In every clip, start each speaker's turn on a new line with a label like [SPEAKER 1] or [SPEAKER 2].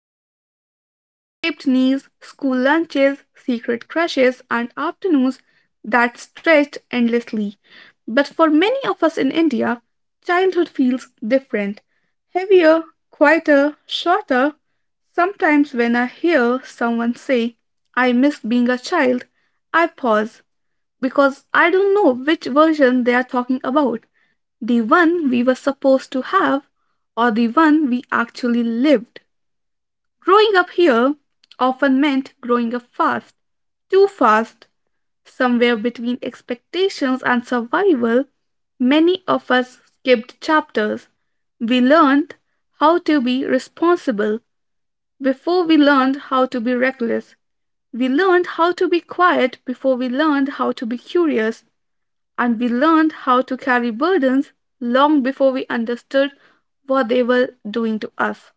[SPEAKER 1] describe scraped knees, school lunches, secret crushes, and afternoons that stretched endlessly. But for many of us in India, childhood feels different heavier, quieter, shorter. Sometimes when I hear someone say, I miss being a child, I pause because I don't know which version they are talking about the one we were supposed to have or the one we actually lived. Growing up here often meant growing up fast, too fast, somewhere between expectations and survival. Many of us skipped chapters. We learned how to be responsible before we learned how to be reckless. We learned how to be quiet before we learned how to be curious and we learned how to carry burdens long before we understood what they were doing to us.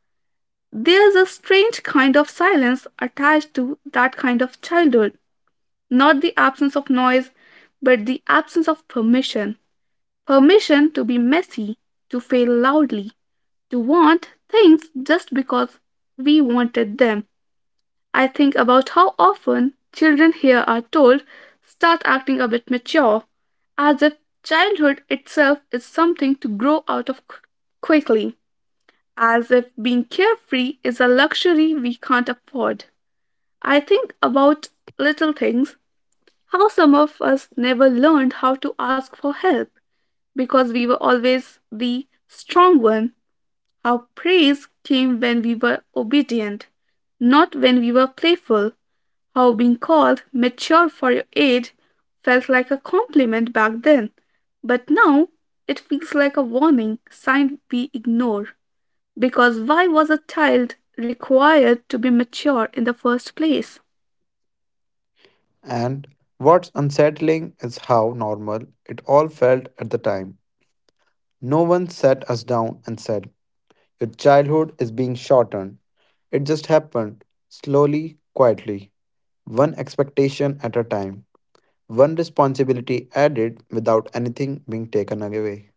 [SPEAKER 1] There's a strange kind of silence attached to that kind of childhood, not the absence of noise, but the absence of permission. Permission to be messy, to fail loudly, to want things just because we wanted them. I think about how often children here are told, start acting a bit mature, as if childhood itself is something to grow out of quickly, as if being carefree is a luxury we can't afford. I think about little things, how some of us never learned how to ask for help because we were always the strong one, how praise came when we were obedient, not when we were playful how being called mature for your age felt like a compliment back then, but now it feels like a warning sign we ignore. Because why was a child required to be mature in the first place?
[SPEAKER 2] And what's unsettling is how normal it all felt at the time. No one sat us down and said, Your childhood is being shortened. It just happened, slowly, quietly, one expectation at a time, one responsibility added without anything being taken away.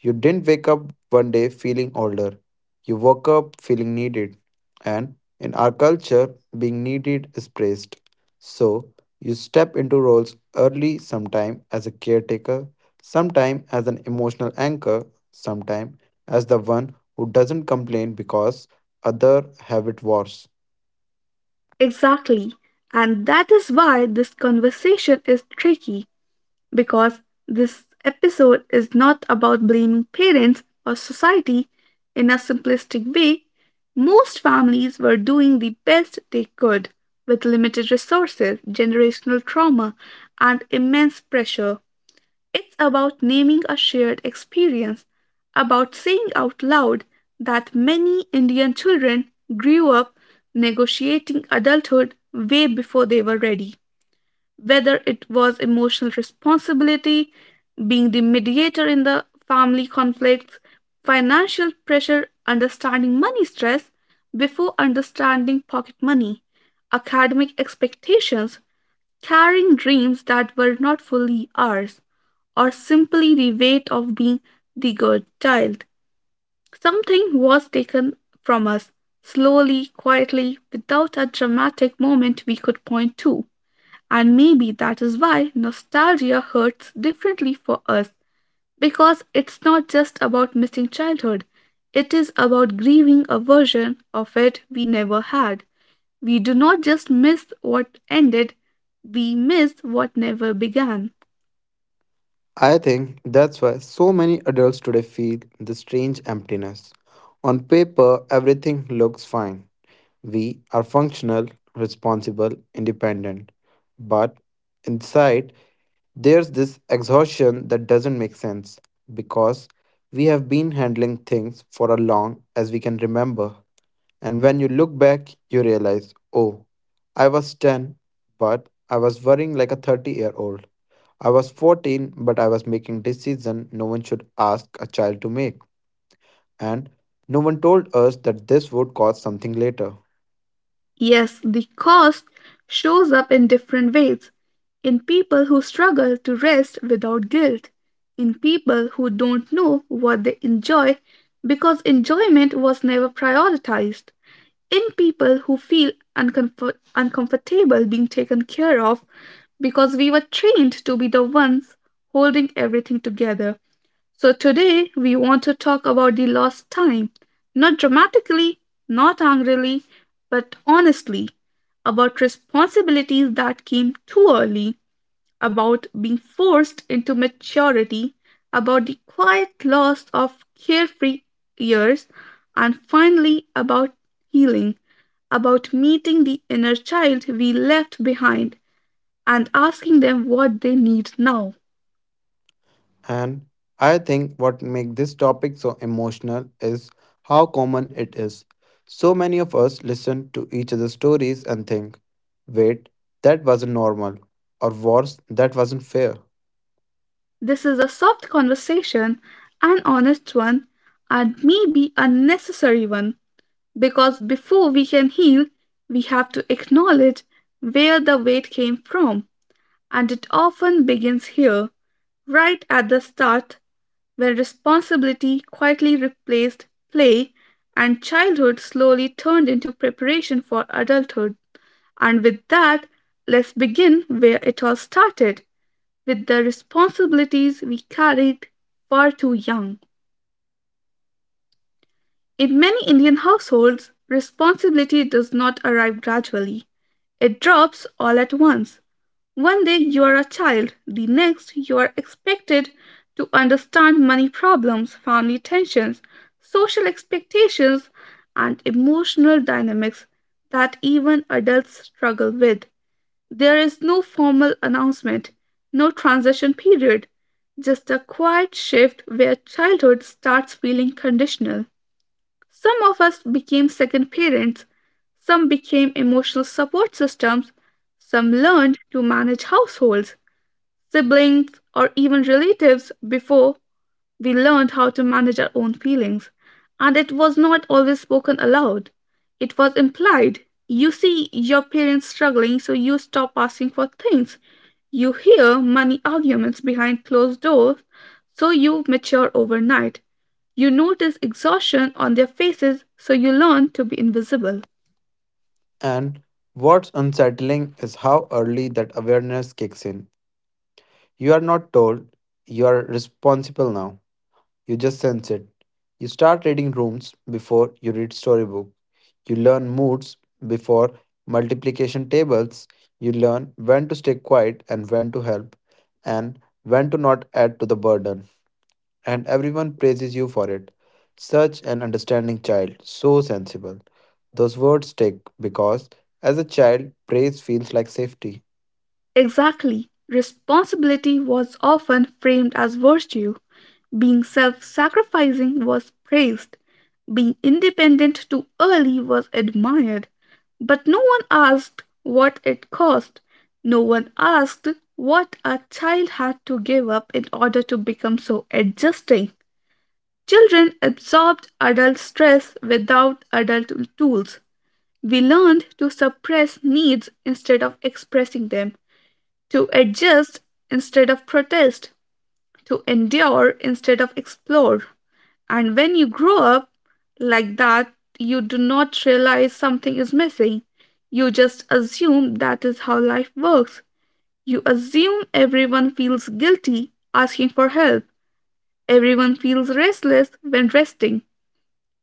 [SPEAKER 2] You didn't wake up one day feeling older. You woke up feeling needed. And in our culture, being needed is praised. So you step into roles early, sometime as a caretaker, sometime as an emotional anchor, sometime as the one who doesn't complain because other have it worse.
[SPEAKER 1] Exactly. And that is why this conversation is tricky, because this episode is not about blaming parents or society in a simplistic way. Most families were doing the best they could with limited resources, generational trauma, and immense pressure. It's about naming a shared experience, about saying out loud that many Indian children grew up negotiating adulthood way before they were ready whether it was emotional responsibility, being the mediator in the family conflicts, financial pressure, understanding money stress before understanding pocket money, academic expectations, carrying dreams that were not fully ours, or simply the weight of being the good child. Something was taken from us, slowly, quietly, without a dramatic moment we could point to. And maybe that is why nostalgia hurts differently for us because it's not just about missing childhood, it is about grieving a version of it we never had. We do not just miss what ended, we miss what never began.
[SPEAKER 2] I think that's why so many adults today feel the strange emptiness. On paper, everything looks fine. We are functional, responsible, independent. But inside, there's this exhaustion that doesn't make sense because we have been handling things for as long as we can remember. And when you look back, you realize, oh, I was 10, but I was worrying like a 30-year-old. I was 14, but I was making decisions no one should ask a child to make. And no one told us that this would cause something later.
[SPEAKER 1] Yes, the cost shows up in different ways in people who struggle to rest without guilt, in people who don't know what they enjoy because enjoyment was never prioritized, in people who feel uncomfortable being taken care of because we were trained to be the ones holding everything together. So today we want to talk about the lost time, not dramatically, not angrily, but honestly, about responsibilities that came too early about being forced into maturity, about the quiet loss of carefree years, and finally about healing, about meeting the inner child we left behind and asking them what they need now.
[SPEAKER 2] And I think what makes this topic so emotional is how common it is. So many of us listen to each other's stories and think, wait, that wasn't normal, or worse, that wasn't fair.
[SPEAKER 1] This is a soft conversation, an honest one, and maybe a necessary one because before we can heal, we have to acknowledge where the weight came from. And it often begins here, right at the start, when responsibility quietly replaced play and childhood slowly turned into preparation for adulthood. And with that, let's begin where it all started with the responsibilities we carried far too young. In many Indian households, responsibility does not arrive gradually, it drops all at once. One day you are a child, the next you are expected to understand money problems, family tensions, social expectations, and emotional dynamics that even adults struggle with. There is no formal announcement, no transition period, just a quiet shift where childhood starts feeling conditional. Some of us became second parents, some became emotional support systems, some learned to manage households, siblings, or even relatives before we learned how to manage our own feelings. And it was not always spoken aloud, it was implied. You see your parents struggling, so you stop asking for things. You hear money arguments behind closed doors, so you mature overnight. You notice exhaustion on their faces, so you learn to be invisible.
[SPEAKER 2] And what's unsettling is how early that awareness kicks in. You are not told, you are responsible now. You just sense it. You start reading rooms before you read storybook. You learn moods before multiplication tables. You learn when to stay quiet and when to help and when to not add to the burden. And everyone praises you for it. Such an understanding child, so sensible. Those words stick because as a child, praise feels like safety.
[SPEAKER 1] Exactly. Responsibility was often framed as virtue. Being self sacrificing was praised. Being independent too early was admired. But no one asked what it cost. No one asked what a child had to give up in order to become so adjusting. Children absorbed adult stress without adult tools. We learned to suppress needs instead of expressing them, to adjust instead of protest, to endure instead of explore. And when you grow up like that, you do not realize something is missing. You just assume that is how life works. You assume everyone feels guilty asking for help. Everyone feels restless when resting.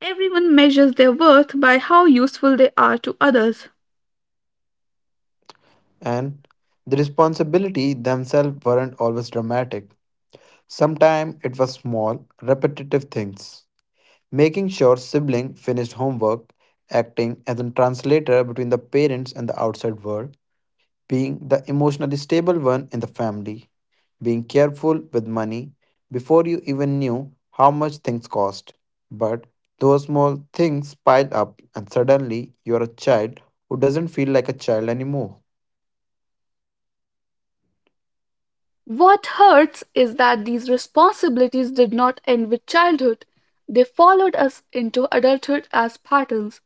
[SPEAKER 1] Everyone measures their worth by how useful they are to others.
[SPEAKER 2] And the responsibility themselves weren't always dramatic. Sometimes it was small, repetitive things. Making sure sibling finished homework, acting as a translator between the parents and the outside world, being the emotionally stable one in the family, being careful with money before you even knew how much things cost. But those small things pile up and suddenly you're a child who doesn't feel like a child anymore.
[SPEAKER 1] What hurts is that these responsibilities did not end with childhood. They followed us into adulthood as patterns.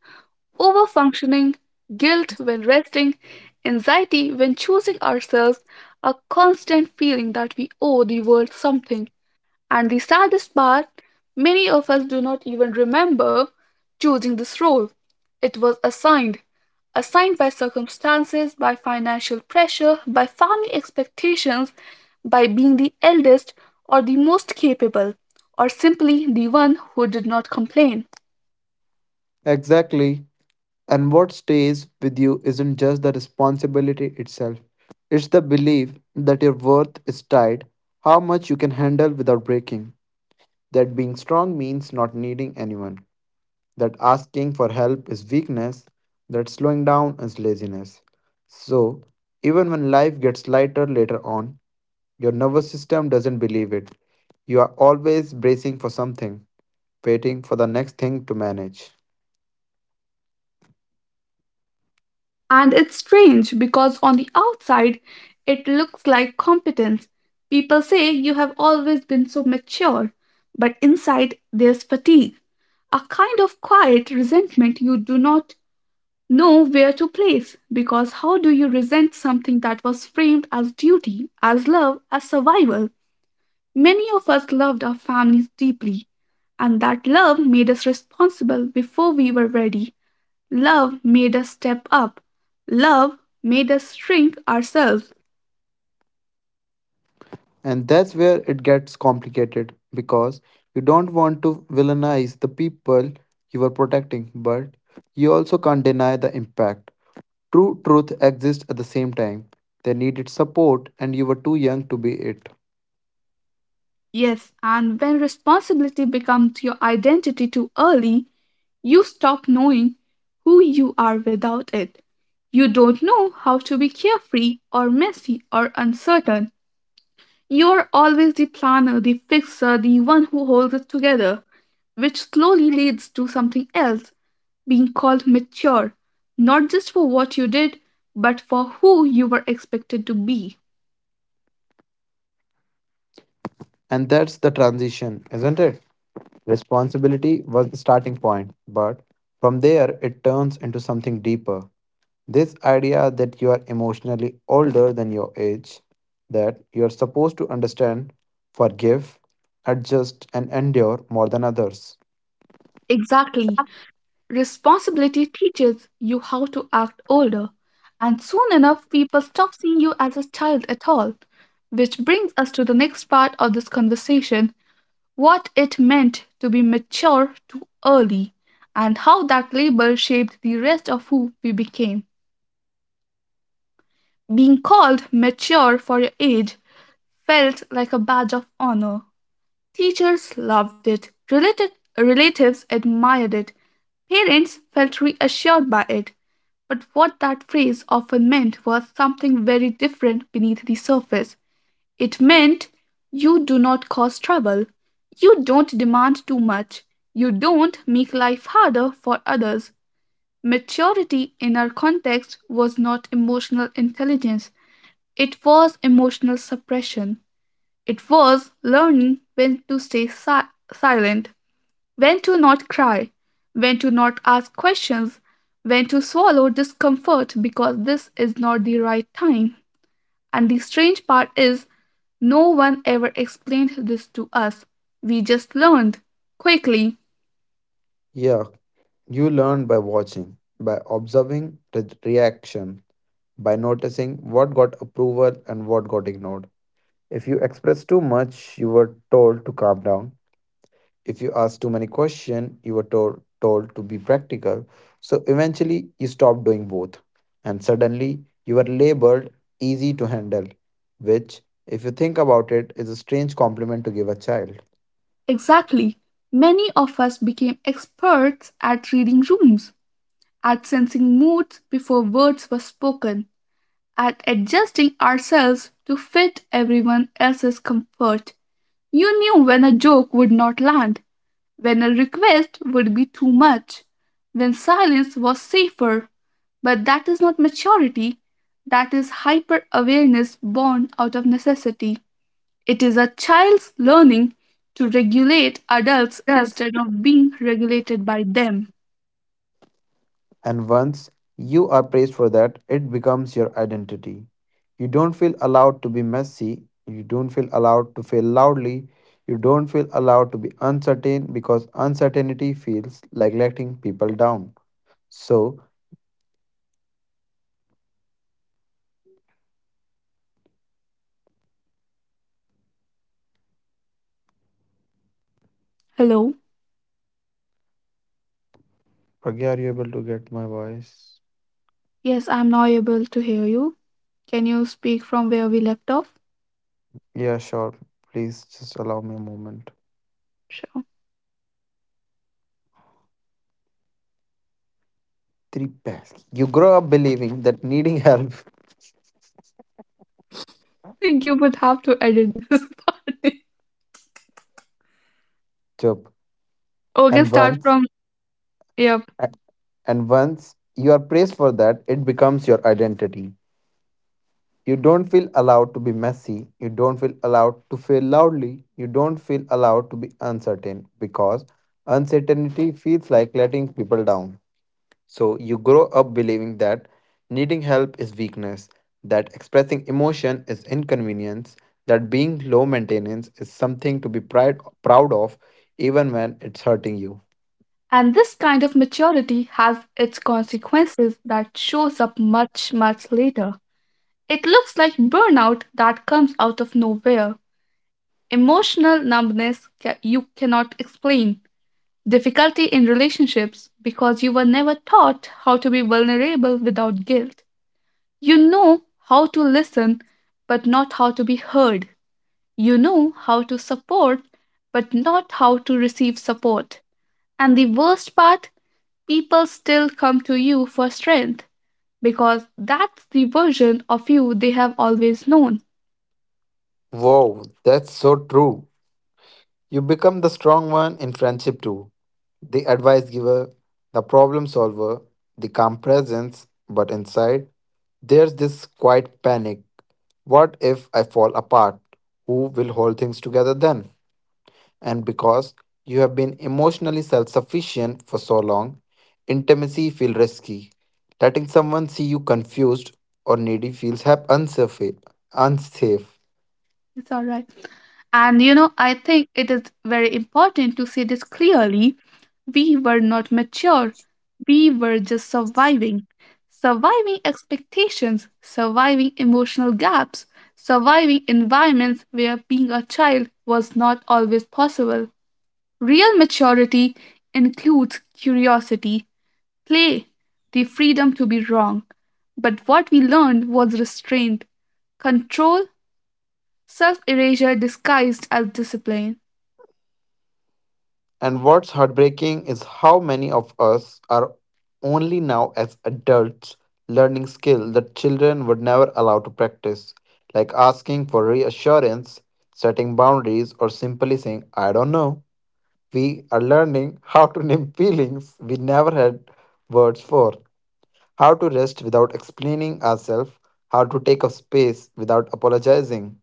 [SPEAKER 1] Overfunctioning, guilt when resting, anxiety when choosing ourselves, a constant feeling that we owe the world something. And the saddest part, many of us do not even remember choosing this role. It was assigned, assigned by circumstances, by financial pressure, by family expectations, by being the eldest or the most capable, or simply the one who did not complain.
[SPEAKER 2] Exactly. And what stays with you isn't just the responsibility itself, it's the belief that your worth is tied, how much you can handle without breaking. That being strong means not needing anyone, that asking for help is weakness, that slowing down is laziness. So, even when life gets lighter later on, your nervous system doesn't believe it. You are always bracing for something, waiting for the next thing to manage.
[SPEAKER 1] And it's strange because on the outside, it looks like competence. People say you have always been so mature, but inside there's fatigue, a kind of quiet resentment you do not know where to place. Because how do you resent something that was framed as duty, as love, as survival? Many of us loved our families deeply, and that love made us responsible before we were ready. Love made us step up. Love made us shrink ourselves.
[SPEAKER 2] And that's where it gets complicated because you don't want to villainize the people you are protecting, but you also can't deny the impact. True truth exists at the same time. They needed support, and you were too young to be it.
[SPEAKER 1] Yes, and when responsibility becomes your identity too early, you stop knowing who you are without it. You don't know how to be carefree or messy or uncertain. You're always the planner, the fixer, the one who holds it together, which slowly leads to something else being called mature, not just for what you did, but for who you were expected to be.
[SPEAKER 2] And that's the transition, isn't it? Responsibility was the starting point, but from there it turns into something deeper. This idea that you are emotionally older than your age, that you are supposed to understand, forgive, adjust, and endure more than others.
[SPEAKER 1] Exactly. Responsibility teaches you how to act older, and soon enough, people stop seeing you as a child at all. Which brings us to the next part of this conversation what it meant to be mature too early, and how that label shaped the rest of who we became. Being called mature for your age felt like a badge of honor. Teachers loved it, relatives admired it, parents felt reassured by it. But what that phrase often meant was something very different beneath the surface. It meant you do not cause trouble, you don't demand too much, you don't make life harder for others. Maturity in our context was not emotional intelligence, it was emotional suppression. It was learning when to stay silent, when to not cry, when to not ask questions, when to swallow discomfort because this is not the right time. And the strange part is, no one ever explained this to us. We just learned quickly.
[SPEAKER 2] Yeah, you learn by watching, by observing the reaction, by noticing what got approval and what got ignored. If you express too much, you were told to calm down. If you ask too many questions, you were told to be practical. So eventually you stopped doing both. And suddenly you were labeled easy to handle, which, if you think about it, is a strange compliment to give a child.
[SPEAKER 1] Exactly. Many of us became experts at reading rooms, at sensing moods before words were spoken, at adjusting ourselves to fit everyone else's comfort. You knew when a joke would not land, when a request would be too much, when silence was safer. But that is not maturity, that is hyper awareness born out of necessity. It is a child's learning to regulate adults instead of being regulated by them.
[SPEAKER 2] And once you are praised for that, it becomes your identity. You don't feel allowed to be messy, you don't feel allowed to fail loudly, you don't feel allowed to be uncertain because uncertainty feels like letting people down. So,
[SPEAKER 1] Hello?
[SPEAKER 2] Pragya, are you able to get my voice?
[SPEAKER 1] Yes, I'm now able to hear you. Can you speak from where we left off?
[SPEAKER 2] Yeah, sure. Please just allow me a moment.
[SPEAKER 1] Sure.
[SPEAKER 2] Three pairs. You grow up believing that needing help,
[SPEAKER 1] I think you would have to edit this part.
[SPEAKER 2] job,
[SPEAKER 1] Okay,
[SPEAKER 2] and
[SPEAKER 1] start
[SPEAKER 2] once
[SPEAKER 1] from. Yep.
[SPEAKER 2] and once you are praised for that, it becomes your identity. You don't feel allowed to be messy. You don't feel allowed to fail loudly. You don't feel allowed to be uncertain because uncertainty feels like letting people down. So you grow up believing that needing help is weakness, that expressing emotion is inconvenience, that being low maintenance is something to be pride, proud of even when it's hurting you.
[SPEAKER 1] And this kind of maturity has its consequences that shows up much, much later. It looks like burnout that comes out of nowhere, emotional numbness you cannot explain, difficulty in relationships because you were never taught how to be vulnerable without guilt. You know how to listen, but not how to be heard. You know how to support, but not how to receive support. And the worst part people still come to you for strength because that's the version of you they have always known.
[SPEAKER 2] Wow, that's so true. You become the strong one in friendship too. The advice giver, the problem solver, the calm presence, but inside, there's this quiet panic. What if I fall apart? Who will hold things together then? And because you have been emotionally self sufficient for so long, intimacy feels risky. Letting someone see you confused or needy feels unsafe.
[SPEAKER 1] It's all right. And you know, I think it is very important to say this clearly. We were not mature, we were just surviving. Surviving expectations, surviving emotional gaps, surviving environments where being a child was not always possible. Real maturity includes curiosity play, the freedom to be wrong. But what we learned was restraint, control, self erasure disguised as discipline.
[SPEAKER 2] And what's heartbreaking is how many of us are only now as adults learning skill that children were never allowed to practice, like asking for reassurance, setting boundaries, or simply saying, I don't know. We are learning how to name feelings we never had words for, how to rest without explaining ourselves, how to take up space without apologizing.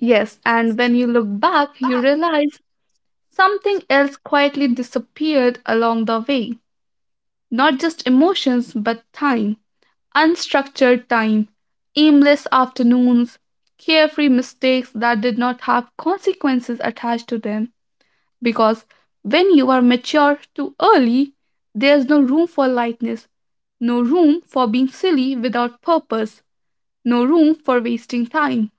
[SPEAKER 1] Yes, and when you look back, you realize something else quietly disappeared along the way. Not just emotions, but time. Unstructured time, aimless afternoons, carefree mistakes that did not have consequences attached to them, because when you are mature too early, there's no room for lightness, no room for being silly without purpose, no room for wasting time.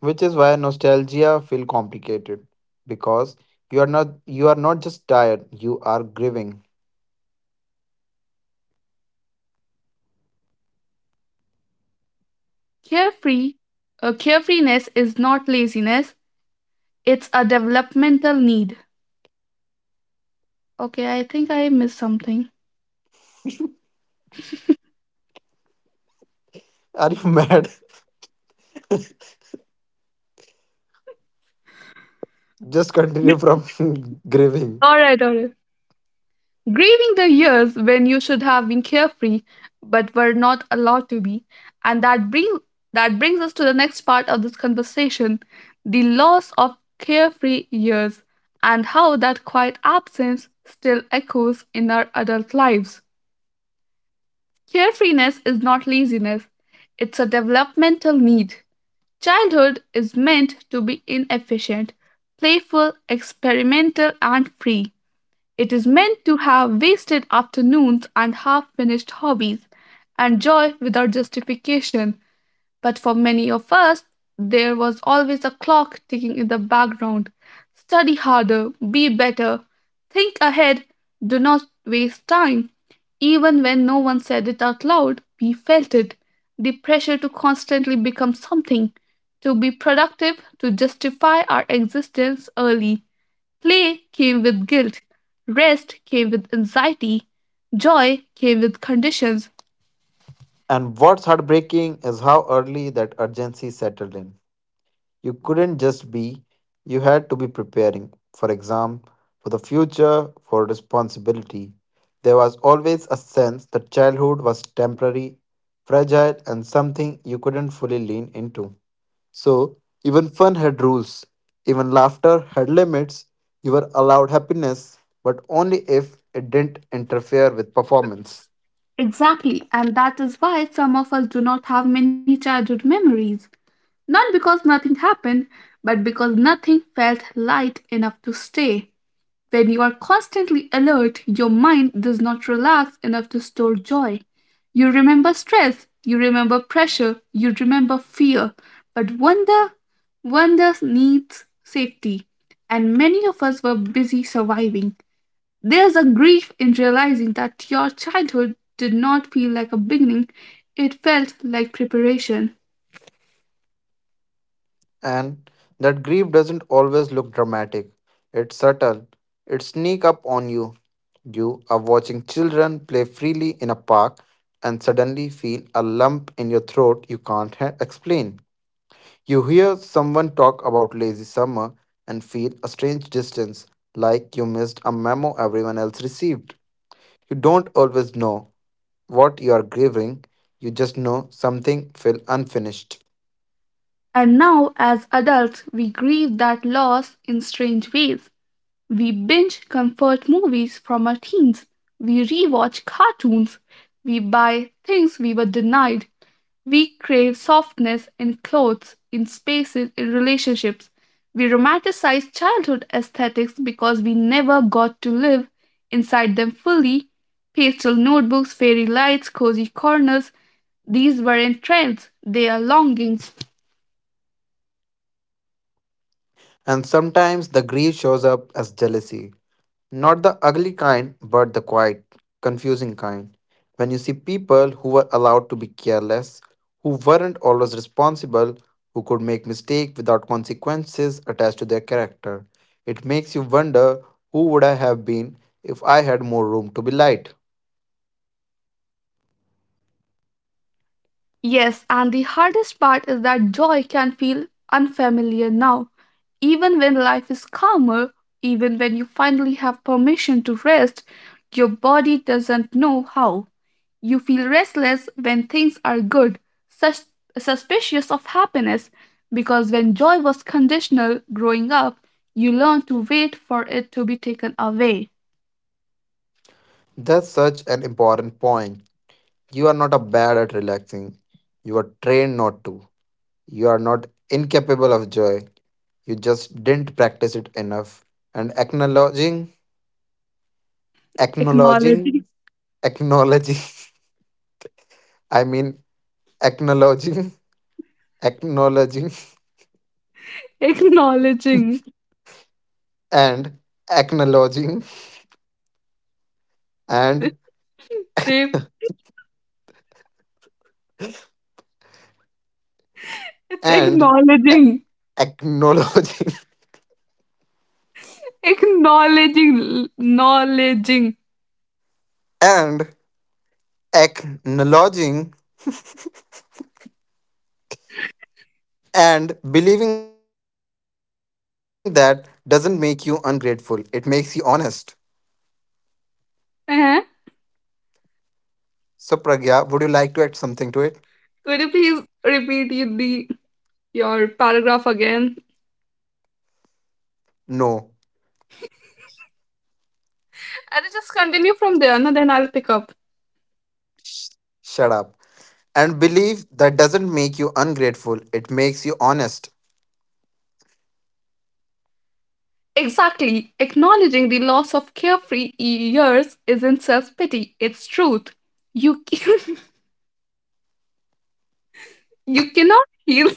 [SPEAKER 2] Which is why nostalgia feel complicated because you are not just tired, you are grieving.
[SPEAKER 1] Carefree, carefreeness is not laziness, it's a developmental need. Okay, I think I missed something.
[SPEAKER 2] Are you mad? Just continue from grieving.
[SPEAKER 1] All right, all right. Grieving the years when you should have been carefree but were not allowed to be, and that brings us to the next part of this conversation: the loss of carefree years and how that quiet absence still echoes in our adult lives. Carefreeness is not laziness, it's a developmental need. Childhood is meant to be inefficient, playful, experimental, and free. It is meant to have wasted afternoons and half finished hobbies, and joy without justification. But for many of us, there was always a clock ticking in the background. Study harder, be better, think ahead, do not waste time. Even when no one said it out loud, we felt it. The pressure to constantly become something, to be productive, to justify our existence early. Play came with guilt, rest came with anxiety, joy came with conditions.
[SPEAKER 2] And what's heartbreaking is how early that urgency settled in. You couldn't just be, you had to be preparing for exam, for the future, for responsibility. There was always a sense that childhood was temporary, fragile, and something you couldn't fully lean into. So, even fun had rules, even laughter had limits. You were allowed happiness, but only if it didn't interfere with performance.
[SPEAKER 1] Exactly, and that is why some of us do not have many childhood memories. Not because nothing happened, but because nothing felt light enough to stay. When you are constantly alert, your mind does not relax enough to store joy. You remember stress, you remember pressure, you remember fear, but wonder, wonder needs safety. And many of us were busy surviving. There's a grief in realizing that your childhood did not feel like a beginning, it felt like preparation.
[SPEAKER 2] And that grief doesn't always look dramatic. It's subtle. It sneak up on you. You are watching children play freely in a park and suddenly feel a lump in your throat you can't explain. You hear someone talk about lazy summer and feel a strange distance, like you missed a memo everyone else received. You don't always know what you are grieving, you just know something feel unfinished.
[SPEAKER 1] And now, as adults, we grieve that loss in strange ways. We binge comfort movies from our teens. We rewatch cartoons. We buy things we were denied. We crave softness in clothes, in spaces, in relationships. We romanticize childhood aesthetics because we never got to live inside them fully. Pastel notebooks, fairy lights, cozy corners, these weren't trends, they are longings.
[SPEAKER 2] And sometimes the grief shows up as jealousy. Not the ugly kind, but the quiet, confusing kind. When you see people who were allowed to be careless, who weren't always responsible, who could make mistakes without consequences attached to their character, it makes you wonder who would I have been if I had more room to be light.
[SPEAKER 1] Yes, and the hardest part is that joy can feel unfamiliar now. Even when life is calmer, even when you finally have permission to rest, your body doesn't know how. You feel restless when things are good, sus- suspicious of happiness, because when joy was conditional growing up, you learn to wait for it to be taken away.
[SPEAKER 2] That's such an important point. You are not a bad at relaxing. You are trained not to. You are not incapable of joy. You just didn't practice it enough and
[SPEAKER 1] Acknowledging.
[SPEAKER 2] acknowledging acknowledging, i mean acknowledging acknowledging
[SPEAKER 1] Acknowledging.
[SPEAKER 2] and acknowledging and
[SPEAKER 1] Dave, it's
[SPEAKER 2] and a-
[SPEAKER 1] acknowledging.
[SPEAKER 2] acknowledging
[SPEAKER 1] Acknowledging, acknowledging.
[SPEAKER 2] and acknowledging and believing that doesn't make you ungrateful it makes you honest.
[SPEAKER 1] Uh-huh.
[SPEAKER 2] So Pragya, would you like to add something to it?
[SPEAKER 1] Could you please repeat the your paragraph again?
[SPEAKER 2] No.
[SPEAKER 1] And just continue from there, and then I'll pick up.
[SPEAKER 2] Sh- Shut up. And believe that doesn't make you ungrateful, it makes you honest.
[SPEAKER 1] Exactly. Acknowledging the loss of carefree years isn't self pity, it's truth. You can, you cannot heal.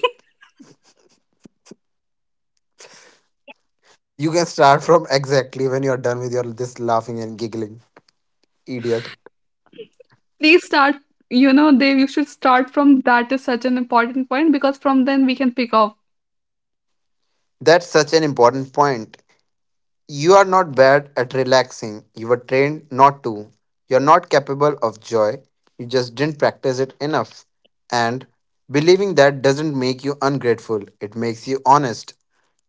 [SPEAKER 2] You can start from exactly when you're done with your this laughing and giggling, idiot.
[SPEAKER 1] Please start, you know, Dave, you should start from that is such an important point, because from then we can pick up.
[SPEAKER 2] That's such an important point. You are not bad at relaxing. You were trained not to. You're not capable of joy. You just didn't practice it enough. And believing that doesn't make you ungrateful, it makes you honest,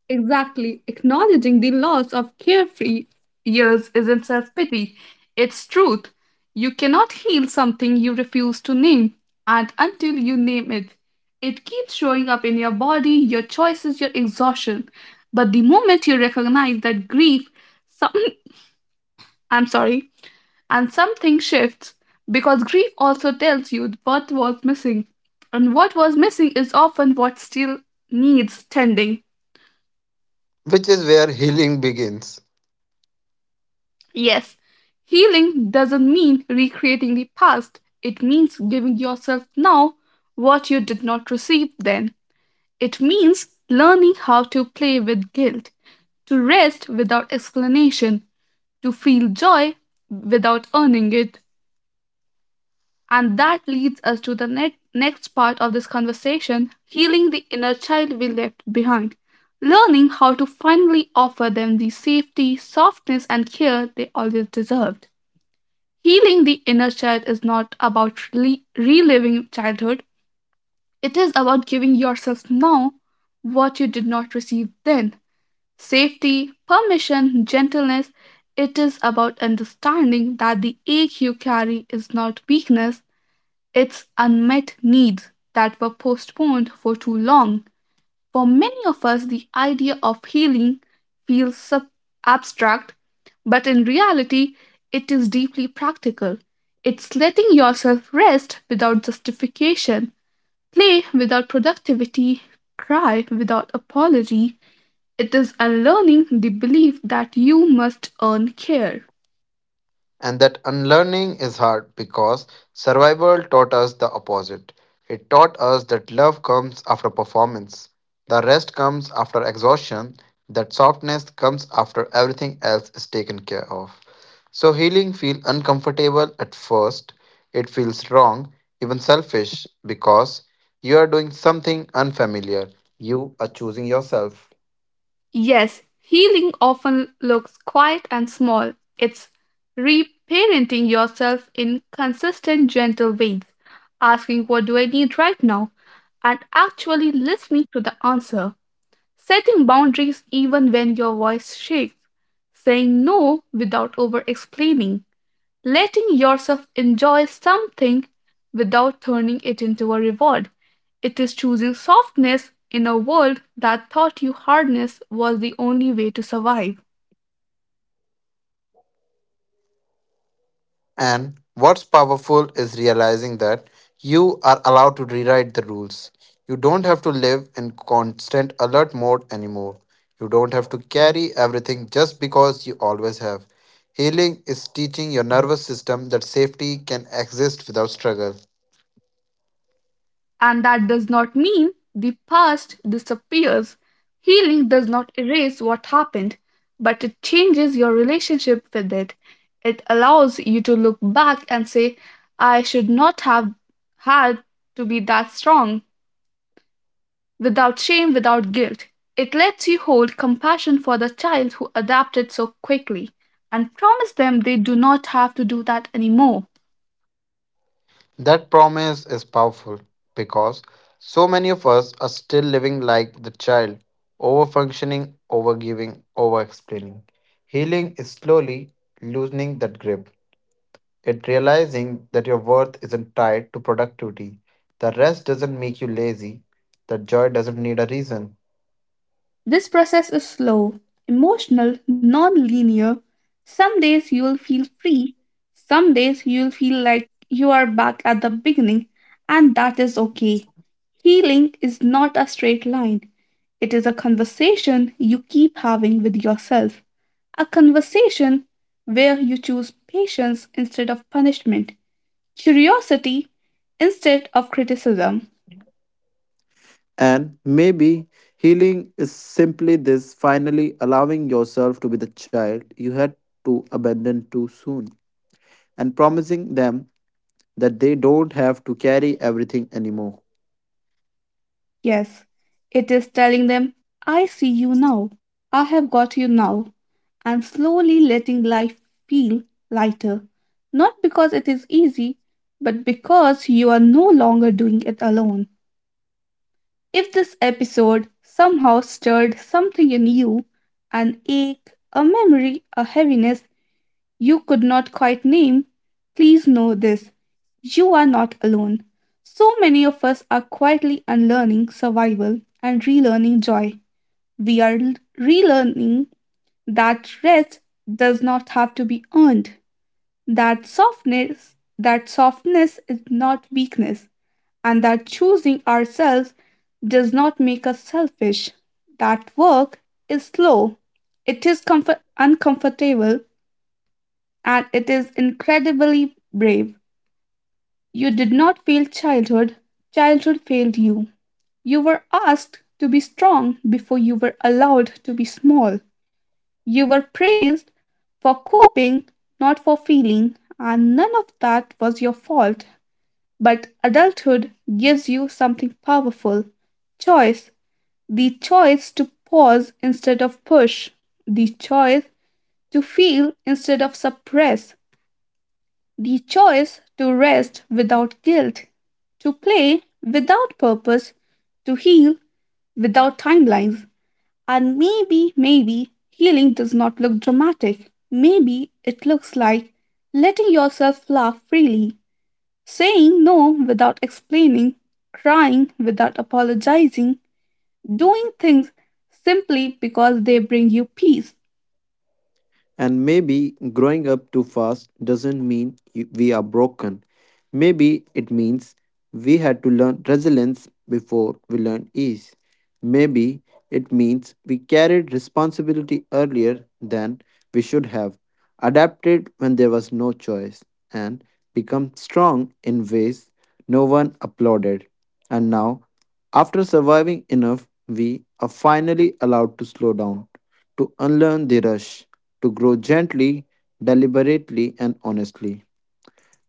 [SPEAKER 1] Exactly. Acknowledging the loss of carefree years isn't self pity, it's truth. You cannot heal something you refuse to name, and until you name it, it keeps showing up in your body, your choices, your exhaustion. But the moment you recognize that grief, some, I'm sorry, and something shifts, because grief also tells you what was missing, and what was missing is often what still needs tending.
[SPEAKER 2] which is where healing begins.
[SPEAKER 1] Yes, healing doesn't mean recreating the past. It means giving yourself now what you did not receive then. It means learning how to play with guilt, to rest without explanation, to feel joy without earning it. And that leads us to the next part of this conversation: healing the inner child we left behind. Learning how to finally offer them the safety, softness, and care they always deserved. Healing the inner child is not about reliving childhood, it is about giving yourself now what you did not receive then: safety, permission, gentleness. It is about understanding that the ache you carry is not weakness, it's unmet needs that were postponed for too long. For many of us, the idea of healing feels abstract, but in reality, it is deeply practical. It's letting yourself rest without justification, play without productivity, cry without apology. It is unlearning the belief that you must earn care.
[SPEAKER 2] And that unlearning is hard because survival taught us the opposite. It taught us that love comes after performance, the rest comes after exhaustion, that softness comes after everything else is taken care of. So healing feels uncomfortable at first. It feels wrong, even selfish, because you are doing something unfamiliar. You are choosing yourself.
[SPEAKER 1] Yes, healing often looks quiet and small. It's reparenting yourself in consistent, gentle ways, asking, "What do I need right now?" and actually listening to the answer. Setting boundaries even when your voice shakes, saying no without over explaining, letting yourself enjoy something without turning it into a reward. It is choosing softness in a world that taught you hardness was the only way to survive.
[SPEAKER 2] And what's powerful is realizing that you are allowed to rewrite the rules. You don't have to live in constant alert mode anymore. You don't have to carry everything just because you always have. Healing is teaching your nervous system that safety can exist without struggle.
[SPEAKER 1] And that does not mean the past disappears. Healing does not erase what happened, but it changes your relationship with it. It allows you to look back and say, I should not have had to be that strong, without shame, without guilt. It lets you hold compassion for the child who adapted so quickly and promise them they do not have to do that anymore.
[SPEAKER 2] That promise is powerful because so many of us are still living like the child, overfunctioning, overgiving, overexplaining. Healing is slowly loosening that grip. It realizing that your worth isn't tied to productivity. The rest doesn't make you lazy. The joy doesn't need a reason.
[SPEAKER 1] This process is slow, emotional, non linear. Some days you will feel free, some days you will feel like you are back at the beginning, and that is okay. Healing is not a straight line, it is a conversation you keep having with yourself, a conversation where you choose patience instead of punishment, curiosity instead of criticism.
[SPEAKER 2] And maybe healing is simply this finally allowing yourself to be the child you had to abandon too soon and promising them that they don't have to carry everything anymore.
[SPEAKER 1] Yes, it is telling them, I see you now, I have got you now, and slowly letting life feel lighter. Not because it is easy, but because you are no longer doing it alone. If this episode somehow stirred something in you, an ache, a memory, a heaviness you could not quite name, please know this: you are not alone. So many of us are quietly unlearning survival and relearning joy. We are relearning that rest does not have to be earned, that softness is not weakness, and that choosing ourselves does not make us selfish. That work is slow, it is uncomfortable, and it is incredibly brave. You did not fail childhood, childhood failed you. You were asked to be strong before you were allowed to be small. You were praised for coping, not for feeling, and none of that was your fault. But adulthood gives you something powerful: choice, the choice to pause instead of push, the choice to feel instead of suppress, the choice to rest without guilt, to play without purpose, to heal without timelines. And maybe, maybe healing does not look dramatic. Maybe it looks like letting yourself laugh freely, saying no without explaining, crying without apologizing, doing things simply because they bring you peace.
[SPEAKER 2] And maybe growing up too fast doesn't mean we are broken. Maybe it means we had to learn resilience before we learned ease. Maybe it means we carried responsibility earlier than we should have, adapted when there was no choice, and become strong in ways no one applauded. And now, after surviving enough, we are finally allowed to slow down to unlearn the rush, to grow gently, deliberately, and honestly.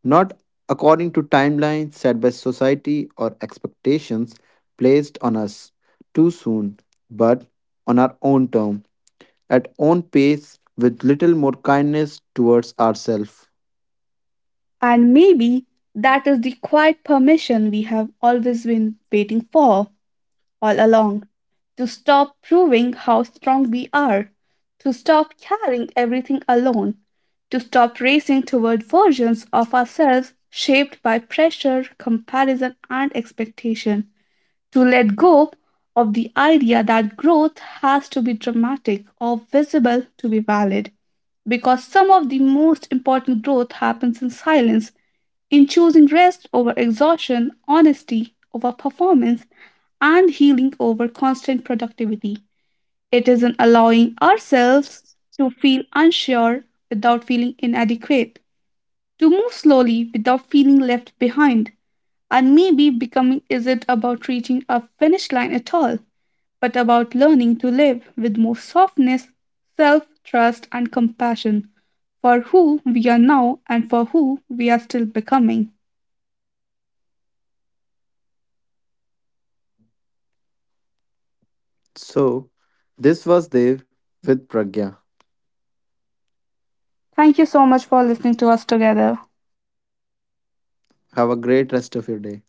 [SPEAKER 2] Not according to timelines set by society or expectations placed on us too soon, but on our own term, at own pace, with little more kindness towards ourselves.
[SPEAKER 1] And maybe that is the quiet permission we have always been waiting for, all along, to stop proving how strong we are, to stop carrying everything alone, to stop racing toward versions of ourselves shaped by pressure, comparison, and expectation, to let go of the idea that growth has to be dramatic or visible to be valid, because some of the most important growth happens in silence, in choosing rest over exhaustion, honesty over performance, and healing over constant productivity. It is in allowing ourselves to feel unsure without feeling inadequate, to move slowly without feeling left behind, and maybe becoming isn't about reaching a finish line at all, but about learning to live with more softness, self trust, and compassion for who we are now and for who we are still becoming.
[SPEAKER 2] So, this was Dev with Pragya.
[SPEAKER 1] Thank you so much for listening to us together.
[SPEAKER 2] Have a great rest of your day.